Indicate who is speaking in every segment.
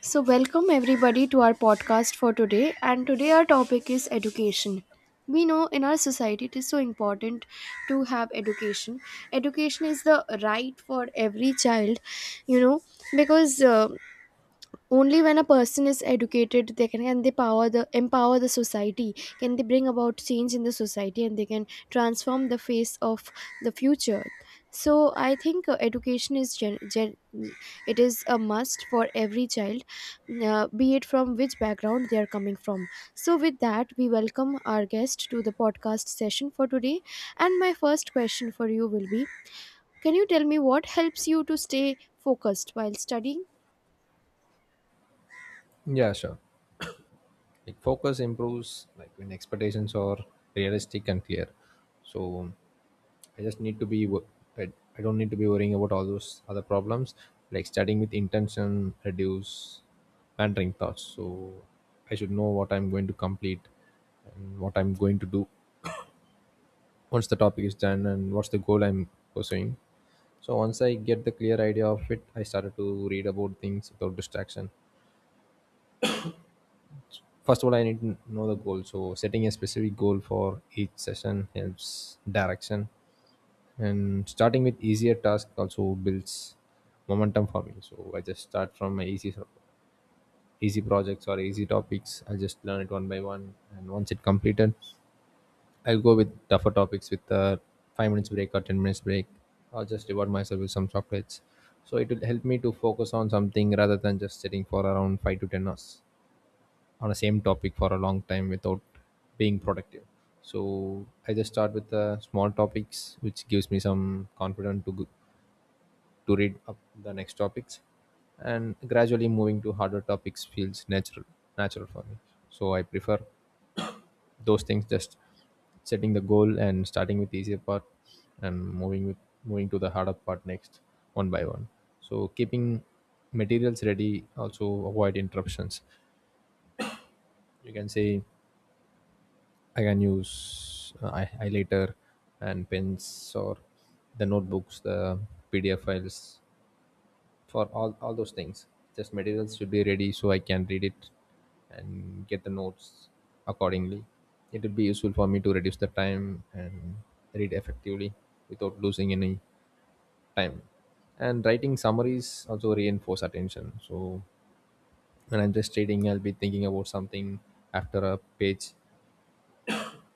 Speaker 1: So, welcome everybody to our podcast for today. And today, our topic is education. We know in our society it is so important to have education. Education is the right for every child, you know, because only when a person is educated, they can they power the empower the society, can they bring about change in the society, and they can transform the face of the future. So I think education is gen- gen- it is a must for every child, be it from which background they are coming from. So with that, we welcome our guest to the podcast session for today, and my first question for you will be, can you tell me what helps you to stay focused while studying?
Speaker 2: Yeah, sure. Like focus improves like when expectations are realistic and clear. So I just need to be wo- I, I don't need to be worrying about all those other problems like starting with intention, reduce wandering thoughts. So I should know what I'm going to complete and what I'm going to do once the topic is done and what's the goal I'm pursuing. So once I get the clear idea of it, I started to read about things without distraction. First of all, I need to know the goal, so setting a specific goal for each session helps direction. And starting with easier task also builds momentum for me, so I just start from my easy projects or easy topics. I just learn it one by one, and once it completed, I'll go with tougher topics with a 5 minutes break or 10 minutes break. I'll just reward myself with some chocolates, so it will help me to focus on something rather than just sitting for around 5 to 10 hours on the same topic for a long time without being productive. So I just start with the small topics, which gives me some confidence to to read up the next topics, and gradually moving to harder topics feels natural for me. So I prefer those things, just setting the goal and starting with the easier part and moving to the harder part next one by one. So keeping materials ready also avoid interruptions, you can say. I can use highlighter and pens or the notebooks, the PDF files for all those things. Just materials should be ready so I can read it and get the notes accordingly. It will be useful for me to reduce the time and read effectively without losing any time. And writing summaries also reinforce attention. So when I'm just reading, I'll be thinking about something after a page,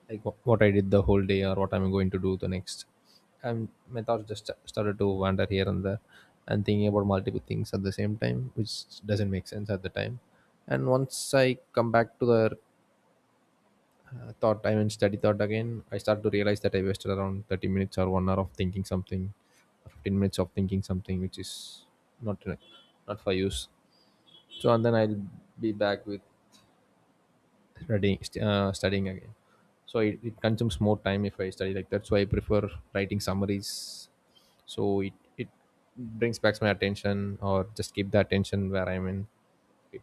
Speaker 2: like what I did the whole day or what I'm going to do the next. And my thoughts just started to wander here and there and thinking about multiple things at the same time, which doesn't make sense at the time. And once I come back to the thought, I mean, study thought again, I start to realize that I wasted around 30 minutes or 1 hour of thinking something, or 15 minutes of thinking something, which is not, not for use. So, and then I'll be back with studying again, so it consumes more time if I study like That's why I prefer writing summaries, so it brings back my attention or just keep the attention where I'm in. It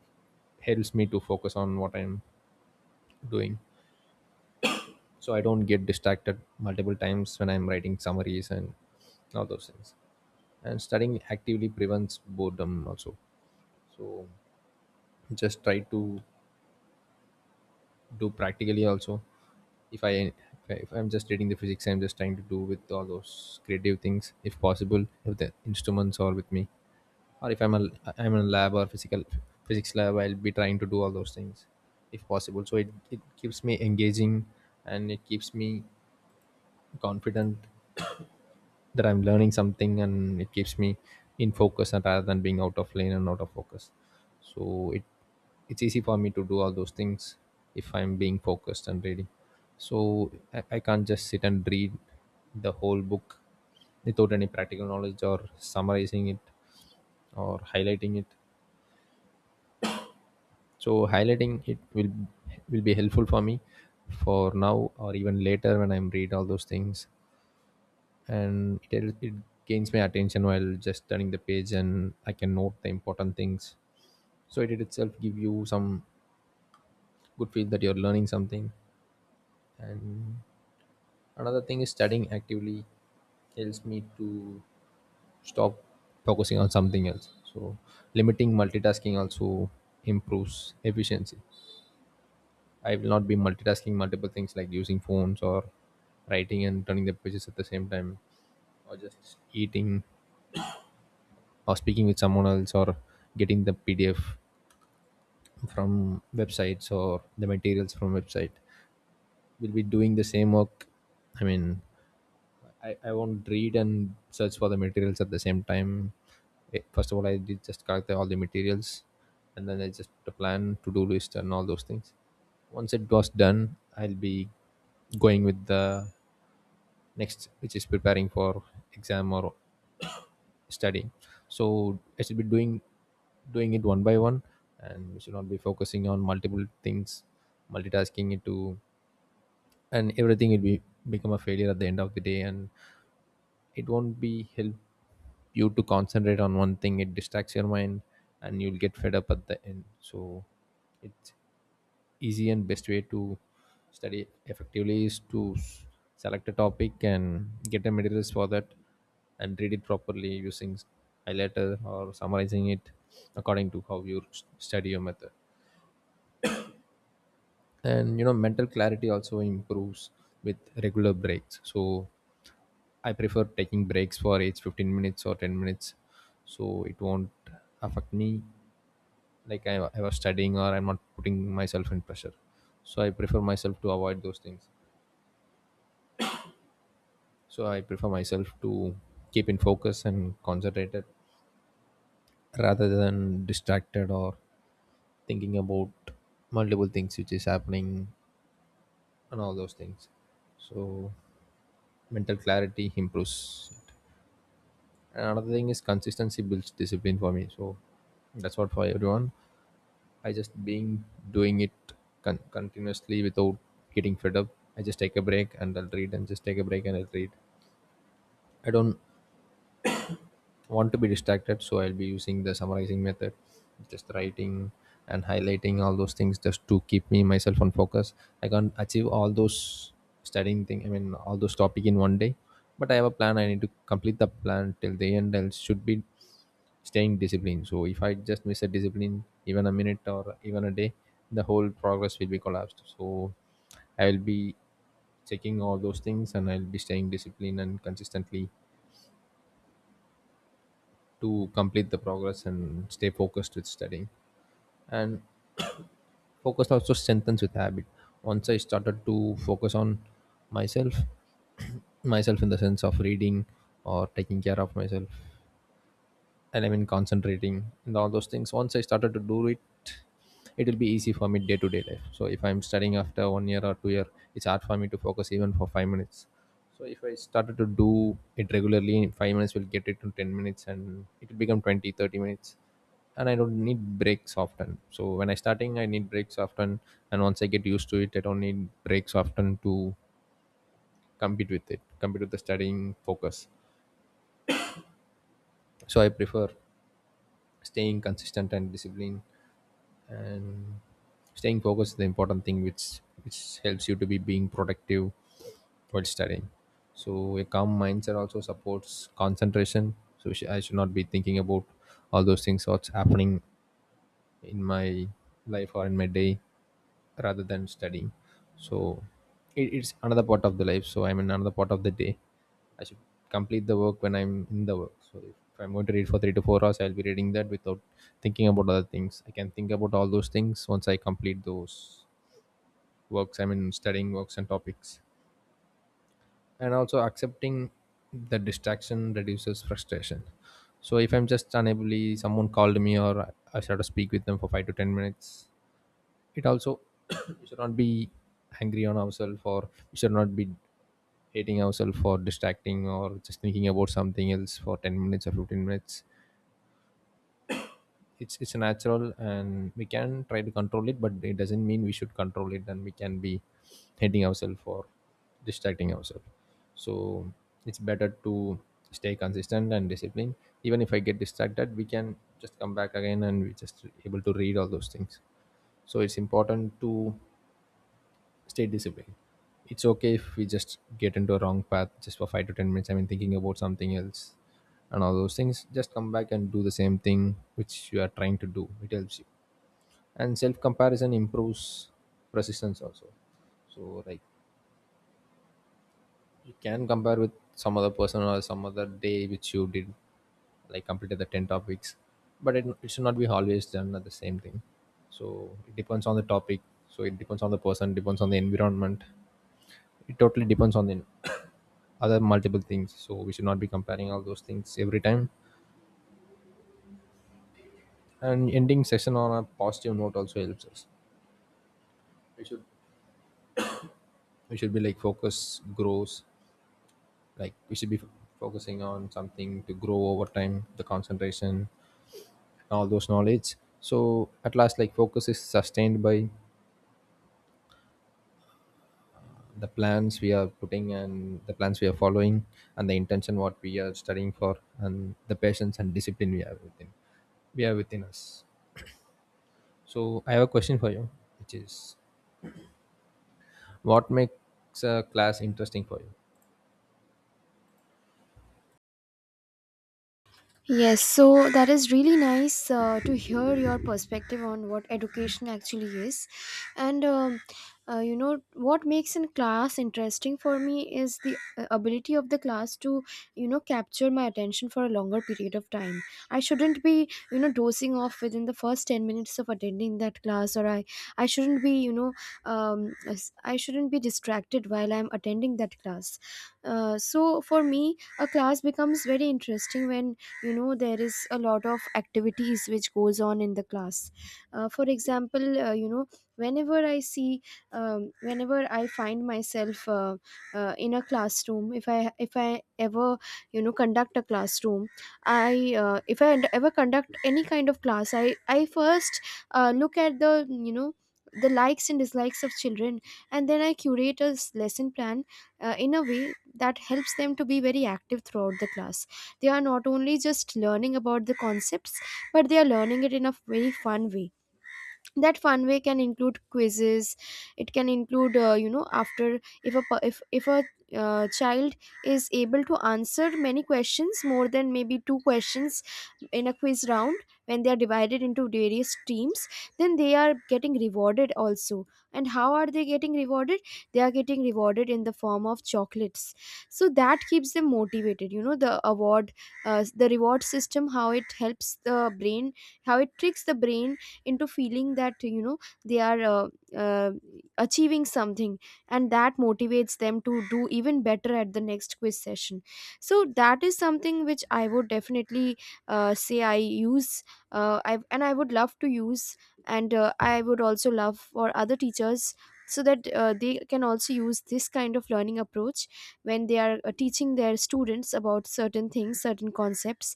Speaker 2: helps me to focus on what I'm doing, so I don't get distracted multiple times when I'm writing summaries and all those things. And studying actively prevents boredom also, so just try to do practically also. If i if I- if I'm just reading the physics, I'm just trying to do with all those creative things if possible, if the instruments are with me. Or if I'm a I'm in a lab or physical physics lab, I'll be trying to do all those things if possible. So it keeps me engaging, and it keeps me confident that I'm learning something, and it keeps me in focus, and rather than being out of lane and out of focus. So it's easy for me to do all those things if I'm being focused and reading. So I can't just sit and read the whole book without any practical knowledge or summarizing it or highlighting it. So highlighting it will be helpful for me for now or even later when I'm read all those things. And it gains my attention while just turning the page, and I can note the important things. So it itself give you some good feel that you're learning something. And another thing is studying actively helps me to stop focusing on something else, so limiting multitasking also improves efficiency. I will not be multitasking multiple things, like using phones or writing and turning the pages at the same time, or just eating, or speaking with someone else, or getting the PDF from websites or the materials from website. We'll be doing the same work. I mean, I won't read and search for the materials at the same time. First of all, I did just collect all the materials, and then I just put a plan to do list and all those things. Once it was done, I'll be going with the next, which is preparing for exam or studying. So I should be doing it one by one, and we should not be focusing on multiple things, multitasking it to, and everything will be become a failure at the end of the day, and it won't be help you to concentrate on one thing. It distracts your mind, and you'll get fed up at the end. So it easy and best way to study effectively is to select a topic and get the materials for that and read it properly using highlighter or summarizing it according to how you study your method. And you know mental clarity also improves with regular breaks. So I prefer taking breaks for each 15 minutes or 10 minutes, so it won't affect me like I was studying, or I'm not putting myself in pressure. So I prefer myself to avoid those things. So I prefer myself to keep in focus and concentrated rather than distracted or thinking about multiple things which is happening and all those things. So mental clarity improves it. And another thing is consistency builds discipline for me, so that's what for everyone. I just being doing it continuously without getting fed up. I just take a break and I'll read, and just take a break and I'll read. I don't want to be distracted, so I'll be using the summarizing method, just writing and highlighting all those things just to keep me myself on focus. I can't achieve all those studying thing, I mean all those topic in one day, but I have a plan. I need to complete the plan till the end. I should be staying disciplined. So if I just miss a discipline even a minute or even a day, the whole progress will be collapsed. So I will be checking all those things, and I'll be staying disciplined and consistently to complete the progress and stay focused with studying. And focus also strengthens with habit. Once I started to focus on myself, myself in the sense of reading or taking care of myself, and I mean concentrating and all those things. Once I started to do it, it will be easy for me day to day life. So if I'm studying after 1 year or 2 year, it's hard for me to focus even for 5 minutes. So if I started to do it regularly, 5 minutes will get it to 10 minutes, and it will become 20, 30 minutes. And I don't need breaks often. So when I starting, I need breaks often, and once I get used to it, I don't need breaks often to compete with the studying focus. So I prefer staying consistent and disciplined, and staying focused is the important thing which helps you to be being productive while studying. So a calm mindset also supports concentration, so I should not be thinking about all those things what's happening in my life or in my day rather than studying. So it's another part of the life. So I'm in another part of the day. I should complete the work when I'm in the work. So if, I'm going to read for 3 to 4 hours, I'll be reading that without thinking about other things. I can think about all those things once I complete those works. I mean, studying works and topics. And also accepting the distraction reduces frustration. So if I'm just unably, someone called me, or I started to speak with them for 5 to 10 minutes, it also we should not be angry on ourselves, or we should not be hating ourselves for distracting or just thinking about something else for 10 minutes or 15 minutes. It's natural, and we can try to control it, but it doesn't mean we should control it, and we can be hating ourselves for distracting ourselves. So it's better to stay consistent and disciplined. Even if I get distracted, we can just come back again, and we just able to read all those things. So it's important to stay disciplined. It's okay if we just get into a wrong path just for 5 to 10 minutes. I mean, thinking about something else and all those things. Just come back and do the same thing which you are trying to do. It helps you. And self comparison improves persistence also. So like you can compare with some other person or some other day which you did like completed the 10 topics, but it should not be always done at the same thing. So it depends on the topic. So it depends on the person, depends on the environment. It totally depends on the other multiple things, so we should not be comparing all those things every time. And ending session on a positive note also helps us. We should we should be like focus grows, like we should be f- focusing on something to grow over time, the concentration, all those knowledge. So at last, like, focus is sustained by the plans we are putting and the plans we are following, and the intention what we are studying for, and the patience and discipline we have within, we are within us. So I have a question for you, which is, what makes a class interesting for you?
Speaker 1: Yes, so that is really nice to hear your perspective on what education actually is. And what makes in class interesting for me is the ability of the class to, capture my attention for a longer period of time. I shouldn't be, dozing off within the first 10 minutes of attending that class, or I shouldn't be, you know, as- I shouldn't be distracted while I'm attending that class. So for me, a class becomes very interesting when, you know, there is a lot of activities which goes on in the class, for example, whenever I see, whenever I find myself in a classroom. If I ever, conduct a classroom, I if I ever conduct any kind of class, I first look at, the you know, the likes and dislikes of children, and then I curate a lesson plan in a way that helps them to be very active throughout the class. They are not only just learning about the concepts, but they are learning it in a very fun way. That fun way can include quizzes. It can include, after, if a per- if a child is able to answer many questions, more than maybe two questions in a quiz round, when they are divided into various teams, then they are getting rewarded also. And how are they getting rewarded? They are getting rewarded in the form of chocolates. So that keeps them motivated, you know, the award, the reward system, how it helps the brain, how it tricks the brain into feeling that, you know, they are uh, achieving something, and that motivates them to do even better at the next quiz session. So that is something which I would definitely say I use, and I would love to use, and I would also love for other teachers, so that they can also use this kind of learning approach when they are teaching their students about certain things, certain concepts.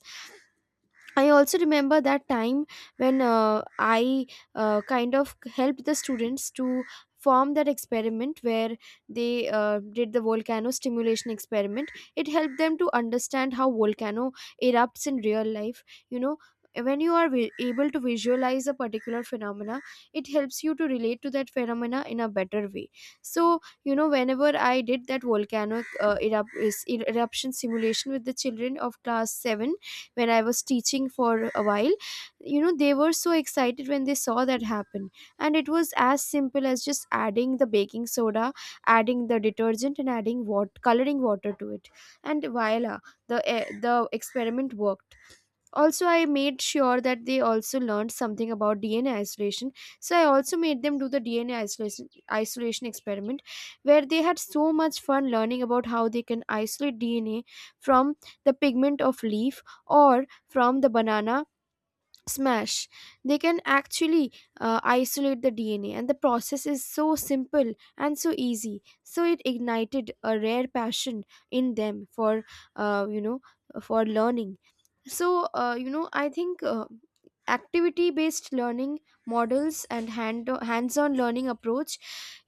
Speaker 1: I also remember that time when I kind of helped the students to form that experiment where they did the volcano stimulation experiment. It helped them to understand how volcano erupts in real life. You know, when you are able to visualize a particular phenomena, it helps you to relate to that phenomena in a better way. So, you know, whenever I did that volcanic eruption simulation with the children of class 7, when I was teaching for a while, you know, they were so excited when they saw that happen. And it was as simple as just adding the baking soda, adding the detergent, and adding what coloring water to it. And voila, the experiment worked. Also, I made sure that they also learned something about DNA isolation, so I also made them do the DNA isolation experiment, where they had so much fun learning about how they can isolate DNA from the pigment of leaf or from the banana smash. They can actually isolate the DNA, and the process is so simple and so easy, so it ignited a rare passion in them for, uh, you know for learning. So, I think activity based learning models and hands on learning approach,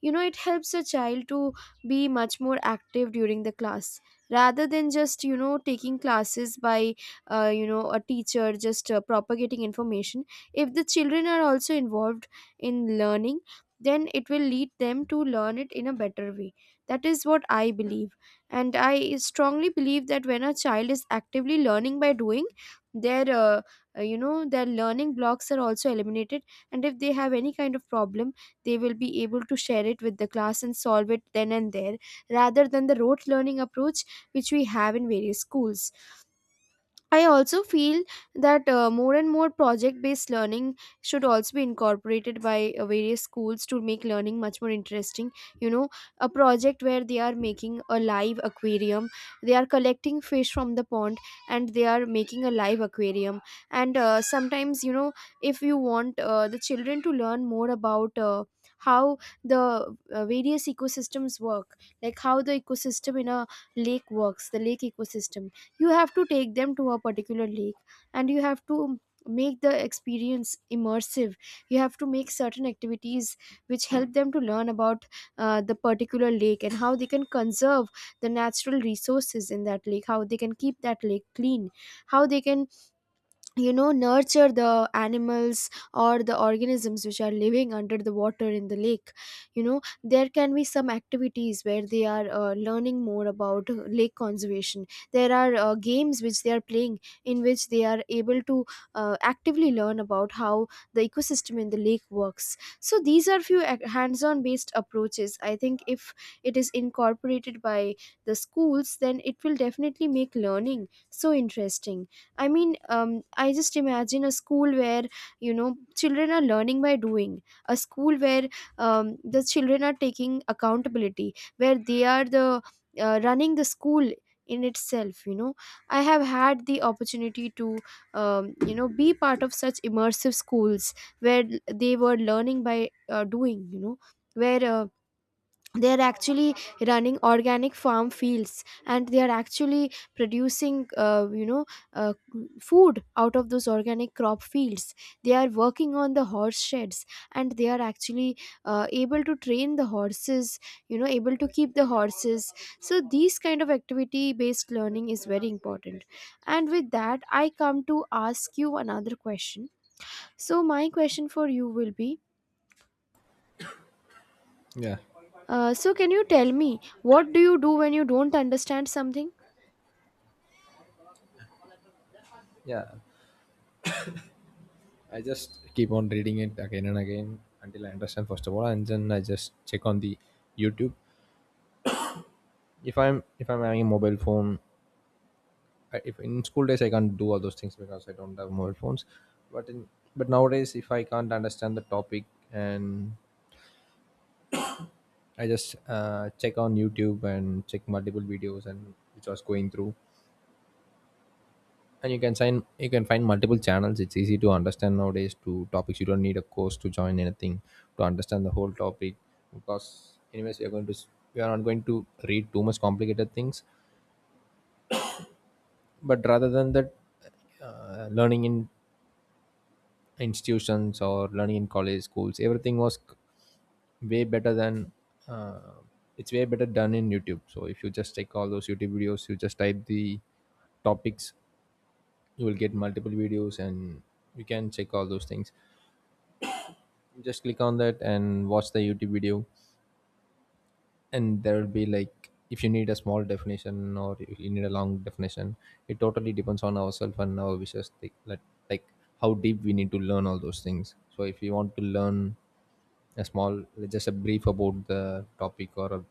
Speaker 1: you know, it helps a child to be much more active during the class rather than just, taking classes by, a teacher just propagating information. If the children are also involved in learning, then it will lead them to learn it in a better way. That is what I believe. And I strongly believe that when a child is actively learning by doing, their their learning blocks are also eliminated. And if they have any kind of problem, they will be able to share it with the class and solve it then and there, rather than the rote learning approach which we have in various schools. I also feel that more and more project based learning should also be incorporated by various schools to make learning much more interesting. You know, a project where they are making a live aquarium, they are collecting fish from the pond, and they are making a live aquarium. And sometimes, you know, if you want the children to learn more about how the various ecosystems work, like how the ecosystem in a lake works, the lake ecosystem, you have to take them to a particular lake, and you have to make the experience immersive. You have to make certain activities which help them to learn about the particular lake and how they can conserve the natural resources in that lake, how they can keep that lake clean, how they can, nurture the animals or the organisms which are living under the water in the lake. You know, there can be some activities where they are learning more about lake conservation. There are games which they are playing in which they are able to actively learn about how the ecosystem in the lake works. So these are few hands-on based approaches. I think if it is incorporated by the schools, then it will definitely make learning so interesting. I mean, I just imagine a school where, you know, children are learning by doing, a school where the children are taking accountability, where they are the running the school in itself. You know, I have had the opportunity to be part of such immersive schools where they were learning by doing, you know, where they are actually running organic farm fields, and they are actually producing, uh, food out of those organic crop fields. They are working on the horse sheds, and they are actually able to train the horses, you know, able to keep the horses. So these kind of activity based learning is very important. And with that, I come to ask you another question. So my question for you will be,
Speaker 2: Yeah,
Speaker 1: So, can you tell me what do you do when you don't understand something?
Speaker 2: yeah. I just keep on reading it again and again until I understand, first of all, and then I just check on the YouTube. If I'm having a mobile phone, I, if in school days I can't do all those things because I don't have mobile phones. But in but nowadays, if I can't understand the topic, and I just check on YouTube and check multiple videos and which I was going through, and you can find multiple channels. It's easy to understand nowadays to topics. You don't need a course to join anything to understand the whole topic, because anyways we are not going to read too much complicated things. But rather than that, learning in institutions or learning in college schools everything was c- way better than uh, it's way better done in youtube. So if you just check all those youtube videos, you just type the topics, you will get multiple videos and you can check all those things. Just click on that and watch the youtube video. And there will be like, if you need a small definition or if you need a long definition, it totally depends on ourselves and our wishes, like how deep we need to learn all those things. So if you want to learn a small, just a brief about the topic or a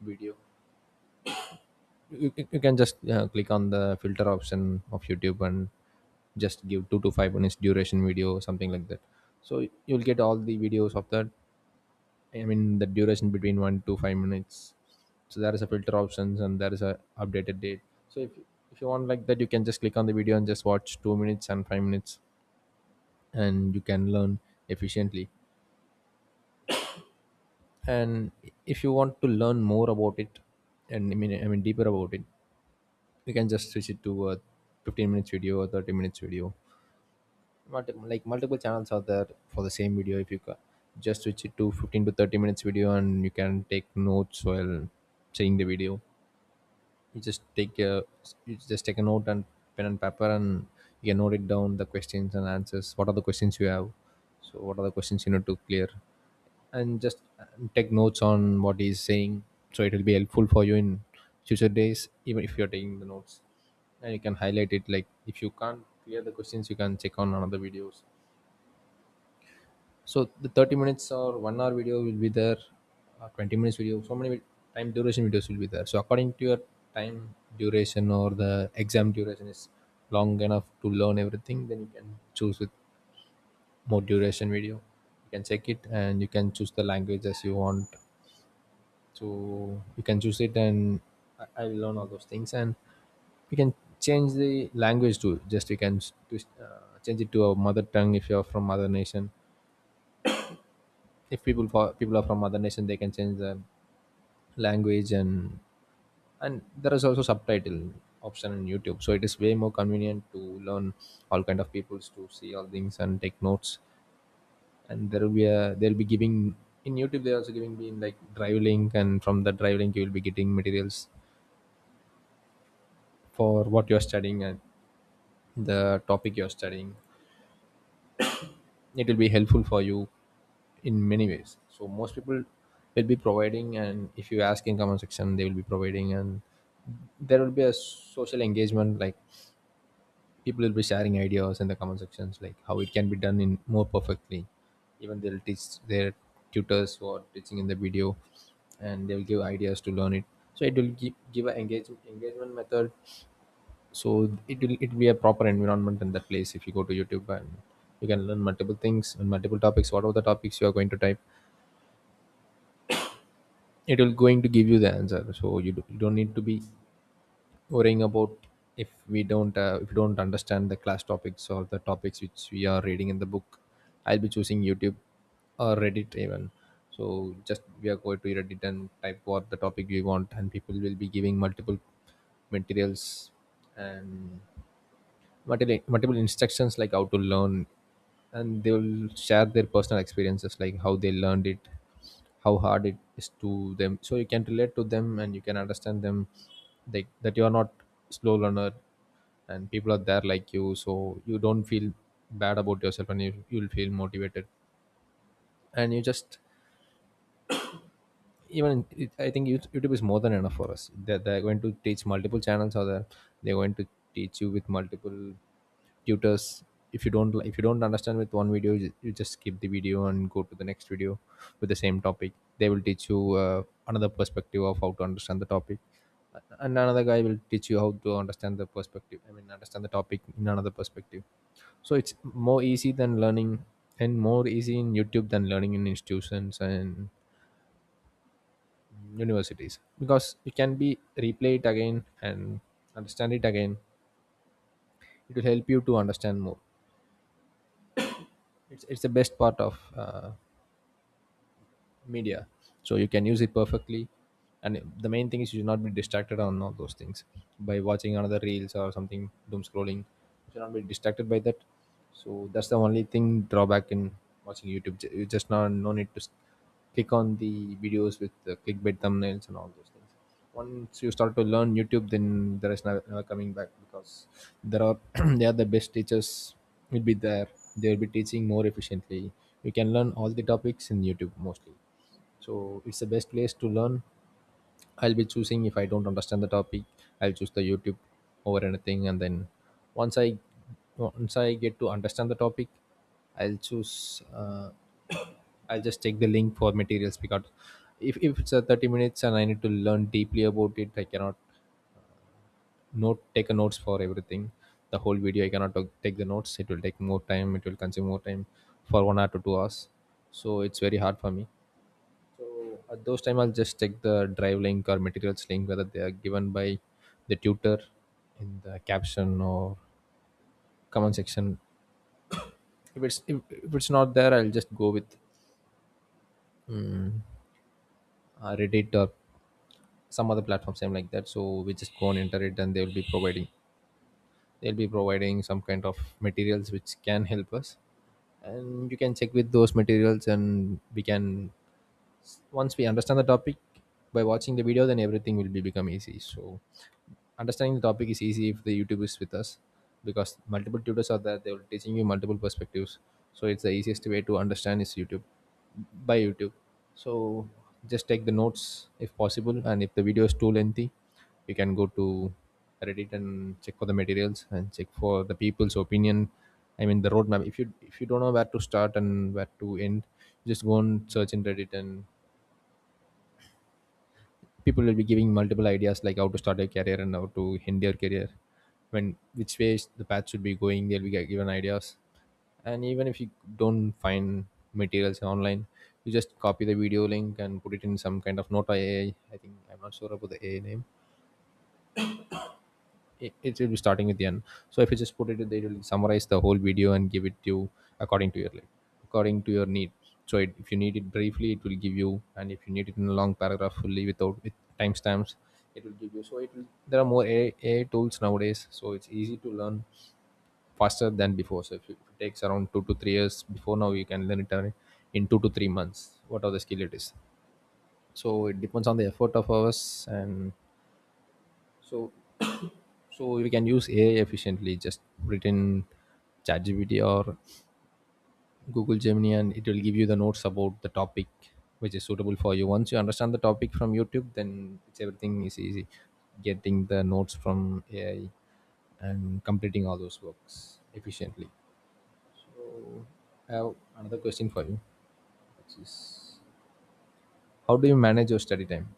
Speaker 2: video, you can just click on the filter option of youtube and just give 2 to 5 minutes duration video or something like that, so you'll get all the videos of that. I mean, the duration between 1 to 5 minutes. So there is a filter options and there is a updated date. So if you want like that, you can just click on the video and just watch 2 minutes and 5 minutes, and you can learn efficiently. And if you want to learn more about it, and I mean deeper about it, you can just switch it to a 15 minutes video or 30 minutes video. Like multiple channels are there for the same video. If you ca- Just switch it to 15 to 30 minutes video, and you can take notes while seeing the video. you just take a you just take a note and pen and paper, and you can note it down, the questions and answers, what are the questions you have, so what are the questions you need to clear. And just take notes on what he's saying. So it will be helpful for you in future days, even if you're taking the notes. And you can highlight it, like if you can't clear the questions, you can check on another videos. So the 30 minutes or 1 hour video will be there, 20 minutes video, so many time duration videos will be there. So according to your time duration, or the exam duration is long enough to learn everything, then you can choose with more duration video. You can check it and you can choose the language as you want. So you can choose it and I will learn all those things. And you can change the language too. Just you can change it to a mother tongue if you're from other nation. If people fo- people are from other nation, they can change the language. And there is also subtitle option in youtube, so it is way more convenient to learn. All kind of peoples to see all things and take notes. And there will be a They'll be giving, in youtube they're also giving me like drive link, and from the drive link you will be getting materials for what you're studying and the topic you're studying. It will be helpful for you in many ways. So most people will be providing, and if you ask in comment section, they will be providing. And there will be a social engagement, like people will be sharing ideas in the comment sections, like how it can be done in more perfectly. Even they'll teach their tutors who are teaching in the video, and they'll give ideas to learn it. So it will give an engagement method. It will be a proper environment in that place. If you go to youtube, and you can learn multiple things and multiple topics, whatever the topics you are going to type, it will going to give you the answer. So you don't need to be worrying about, if you don't understand the class topics or the topics which we are reading in the book, I'll be choosing youtube or reddit even. So just we are going to reddit and type what the topic we want, and people will be giving multiple materials and multiple instructions like how to learn. And they will share their personal experiences like how they learned it, how hard it is to them, so you can relate to them and you can understand them. Like that, you are not slow learner and people are there like you, so you don't feel bad about yourself, and you'll feel motivated. And you just even it, I think YouTube is more than enough for us. They're going to teach multiple channels, or they're going to teach you with multiple tutors. If you don't understand with one video, you just skip the video and go to the next video with the same topic. They will teach you another perspective of how to understand the topic, and another guy will teach you how to understand the perspective. I mean, understand the topic in another perspective. So it's more easy than learning, and more easy in YouTube than learning in institutions and universities, because you can be replay it again and understand it again. It will help you to understand more. It's the best part of media, so you can use it perfectly. And the main thing is you should not be distracted on all those things by watching another reels or something, doom scrolling. You should not be distracted by that. So that's the only thing drawback in watching youtube. Ju- you just not no need to s- click on the videos with the clickbait thumbnails and all those things. Once you start to learn youtube, then there is never coming back, because there are they are the best teachers will be there. They will be teaching more efficiently. You can learn all the topics in youtube mostly. So it's the best place to learn. I'll be choosing, if I don't understand the topic, I'll choose the youtube over anything. And then once i once I get to understand the topic, I'll choose I'll just take the link for materials because if it's a 30 minutes and I need to learn deeply about it, I cannot note take a notes for everything, the whole video. I cannot ta- take the notes. It will take more time, it will consume more time, for 1 hour to 2 hours. So it's very hard for me. So at those time, I'll just check the drive link or materials link, whether they are given by the tutor in the caption or comment section. If it's not there, I'll just go with um, Reddit or some other platform, same like that. So we just go and enter it, and they'll be providing some kind of materials which can help us. And you can check with those materials, and we can once we understand the topic by watching the video, then everything will be become easy. So understanding the topic is easy if the youtube is with us, because multiple tutors are there, they will teaching you multiple perspectives. So it's the easiest way to understand is youtube, by youtube. So just take the notes if possible, and if the video is too lengthy, you can go to reddit and check for the materials and check for the people's opinion. I mean, the roadmap, if you don't know where to start and where to end, just go and search in reddit, and people will be giving multiple ideas like how to start a career and how to end your career, when which ways the path should be going, they'll be given ideas. And even if you don't find materials online, you just copy the video link and put it in some kind of nota ai, think. I'm not sure about the ai name. It will be starting with the end. So if you just put it in there, it will summarize the whole video and give it to you according to your, like, according to your need. So it, if you need it briefly, it will give you, and if you need it in a long paragraph fully without with timestamps, it will give you. So it will, there are more AI tools nowadays, so it's easy to learn faster than before. So if it takes around 2 to 3 years before, now you can learn it in 2 to 3 months, what are the skill it is. So it depends on the effort of ours. And so so we can use AI efficiently. Just put it in ChatGPT or Google Gemini, and it will give you the notes about the topic which is suitable for you. Once you understand the topic from YouTube, then it's everything is easy. Getting the notes from AI and completing all those works efficiently. So I have another question for you, which is, how do you manage your study time?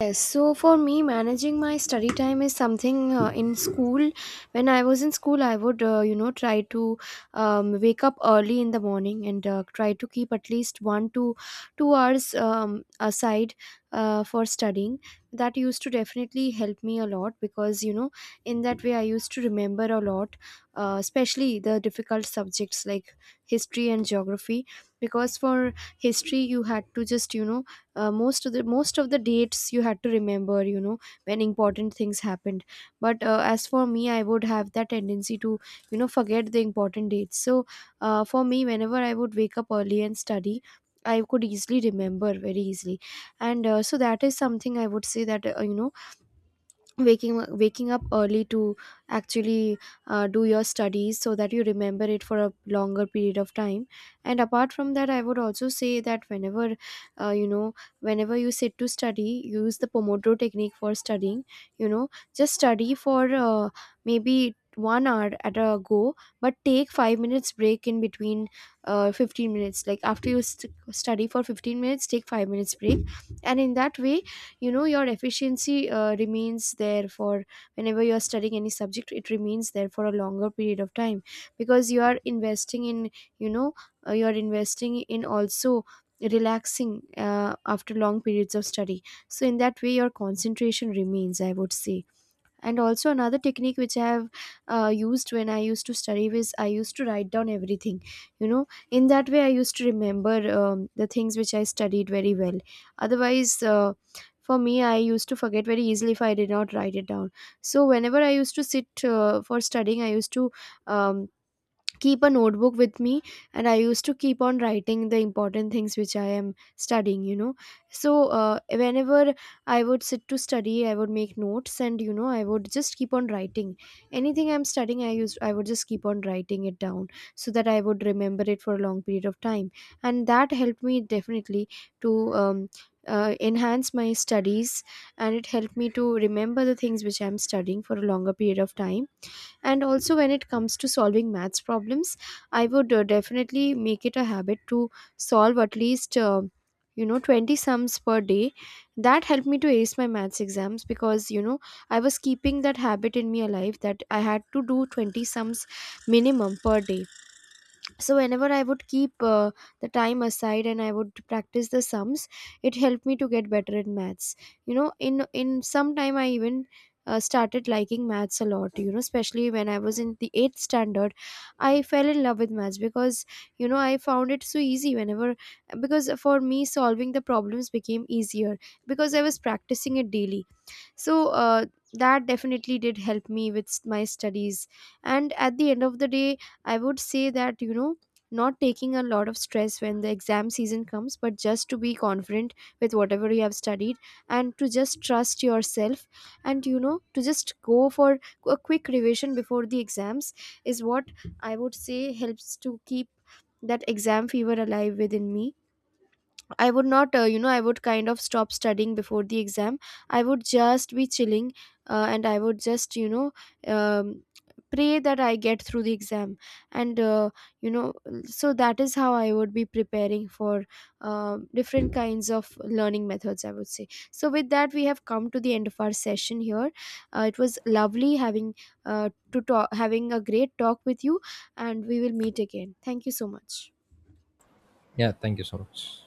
Speaker 1: Yes, so for me, managing my study time is something in school. When I was in school, I would, try to wake up early in the morning and try to keep at least 1 to 2 hours aside for studying. That used to definitely help me a lot because, you know, in that way I used to remember a lot, especially the difficult subjects like history and geography. Because for history, you had to just, most of the dates you had to remember, you know, when important things happened. But as for me, I would have that tendency to, forget the important dates. So for me, whenever I would wake up early and study, I could easily remember very easily. And so that is something I would say, that waking up early to actually do your studies so that you remember it for a longer period of time. And apart from that, I would also say that, whenever you sit to study, use the pomodoro technique for studying. You know, just study for maybe 1 hour at a go, but take 5 minutes break in between, 15 minutes, like after you study for 15 minutes, take 5 minutes break. And in that way, you know, your efficiency remains there. For whenever you are studying any subject, it remains there for a longer period of time, because you are investing in, you know you are investing in also relaxing after long periods of study. So in that way your concentration remains, I would say. And also another technique which I have used when I used to study was, I used to write down everything. You know, in that way I used to remember the things which I studied very well. Otherwise, for me, I used to forget very easily if I did not write it down. So whenever I used to sit for studying, I used to um, keep a notebook with me, and I used to keep on writing the important things which I am studying, you know. So whenever I would sit to study, I would make notes, and, you know, I would just keep on writing anything I'm studying. I would just keep on writing it down, so that I would remember it for a long period of time. And that helped me definitely to um, enhance my studies, and it helped me to remember the things which I'm studying for a longer period of time. And also when it comes to solving maths problems, I would definitely make it a habit to solve at least, 20 sums per day. That helped me to ace my maths exams, because, you know, I was keeping that habit in me alive, that I had to do 20 sums minimum per day. So whenever I would keep the time aside and I would practice the sums, it helped me to get better in maths. You know, in some time, I even started liking maths a lot, you know, especially when I was in the 8th standard. I fell in love with maths, because, you know, I found it so easy, whenever, because for me solving the problems became easier because I was practicing it daily. So that definitely did help me with my studies. And at the end of the day, I would say that, you know, not taking a lot of stress when the exam season comes, but just to be confident with whatever you have studied, and to just trust yourself, and, you know, to just go for a quick revision before the exams, is what I would say helps to keep that exam fever alive within me. I would not, I would kind of stop studying before the exam. I would just be chilling, and I would just, um, pray that I get through the exam. And, you know, so that is how I would be preparing for different kinds of learning methods, I would say. So, with that, we have come to the end of our session here. It was lovely having. To talk, having a great talk with you, and we will meet again. Thank you so much.
Speaker 2: Yeah, thank you so much.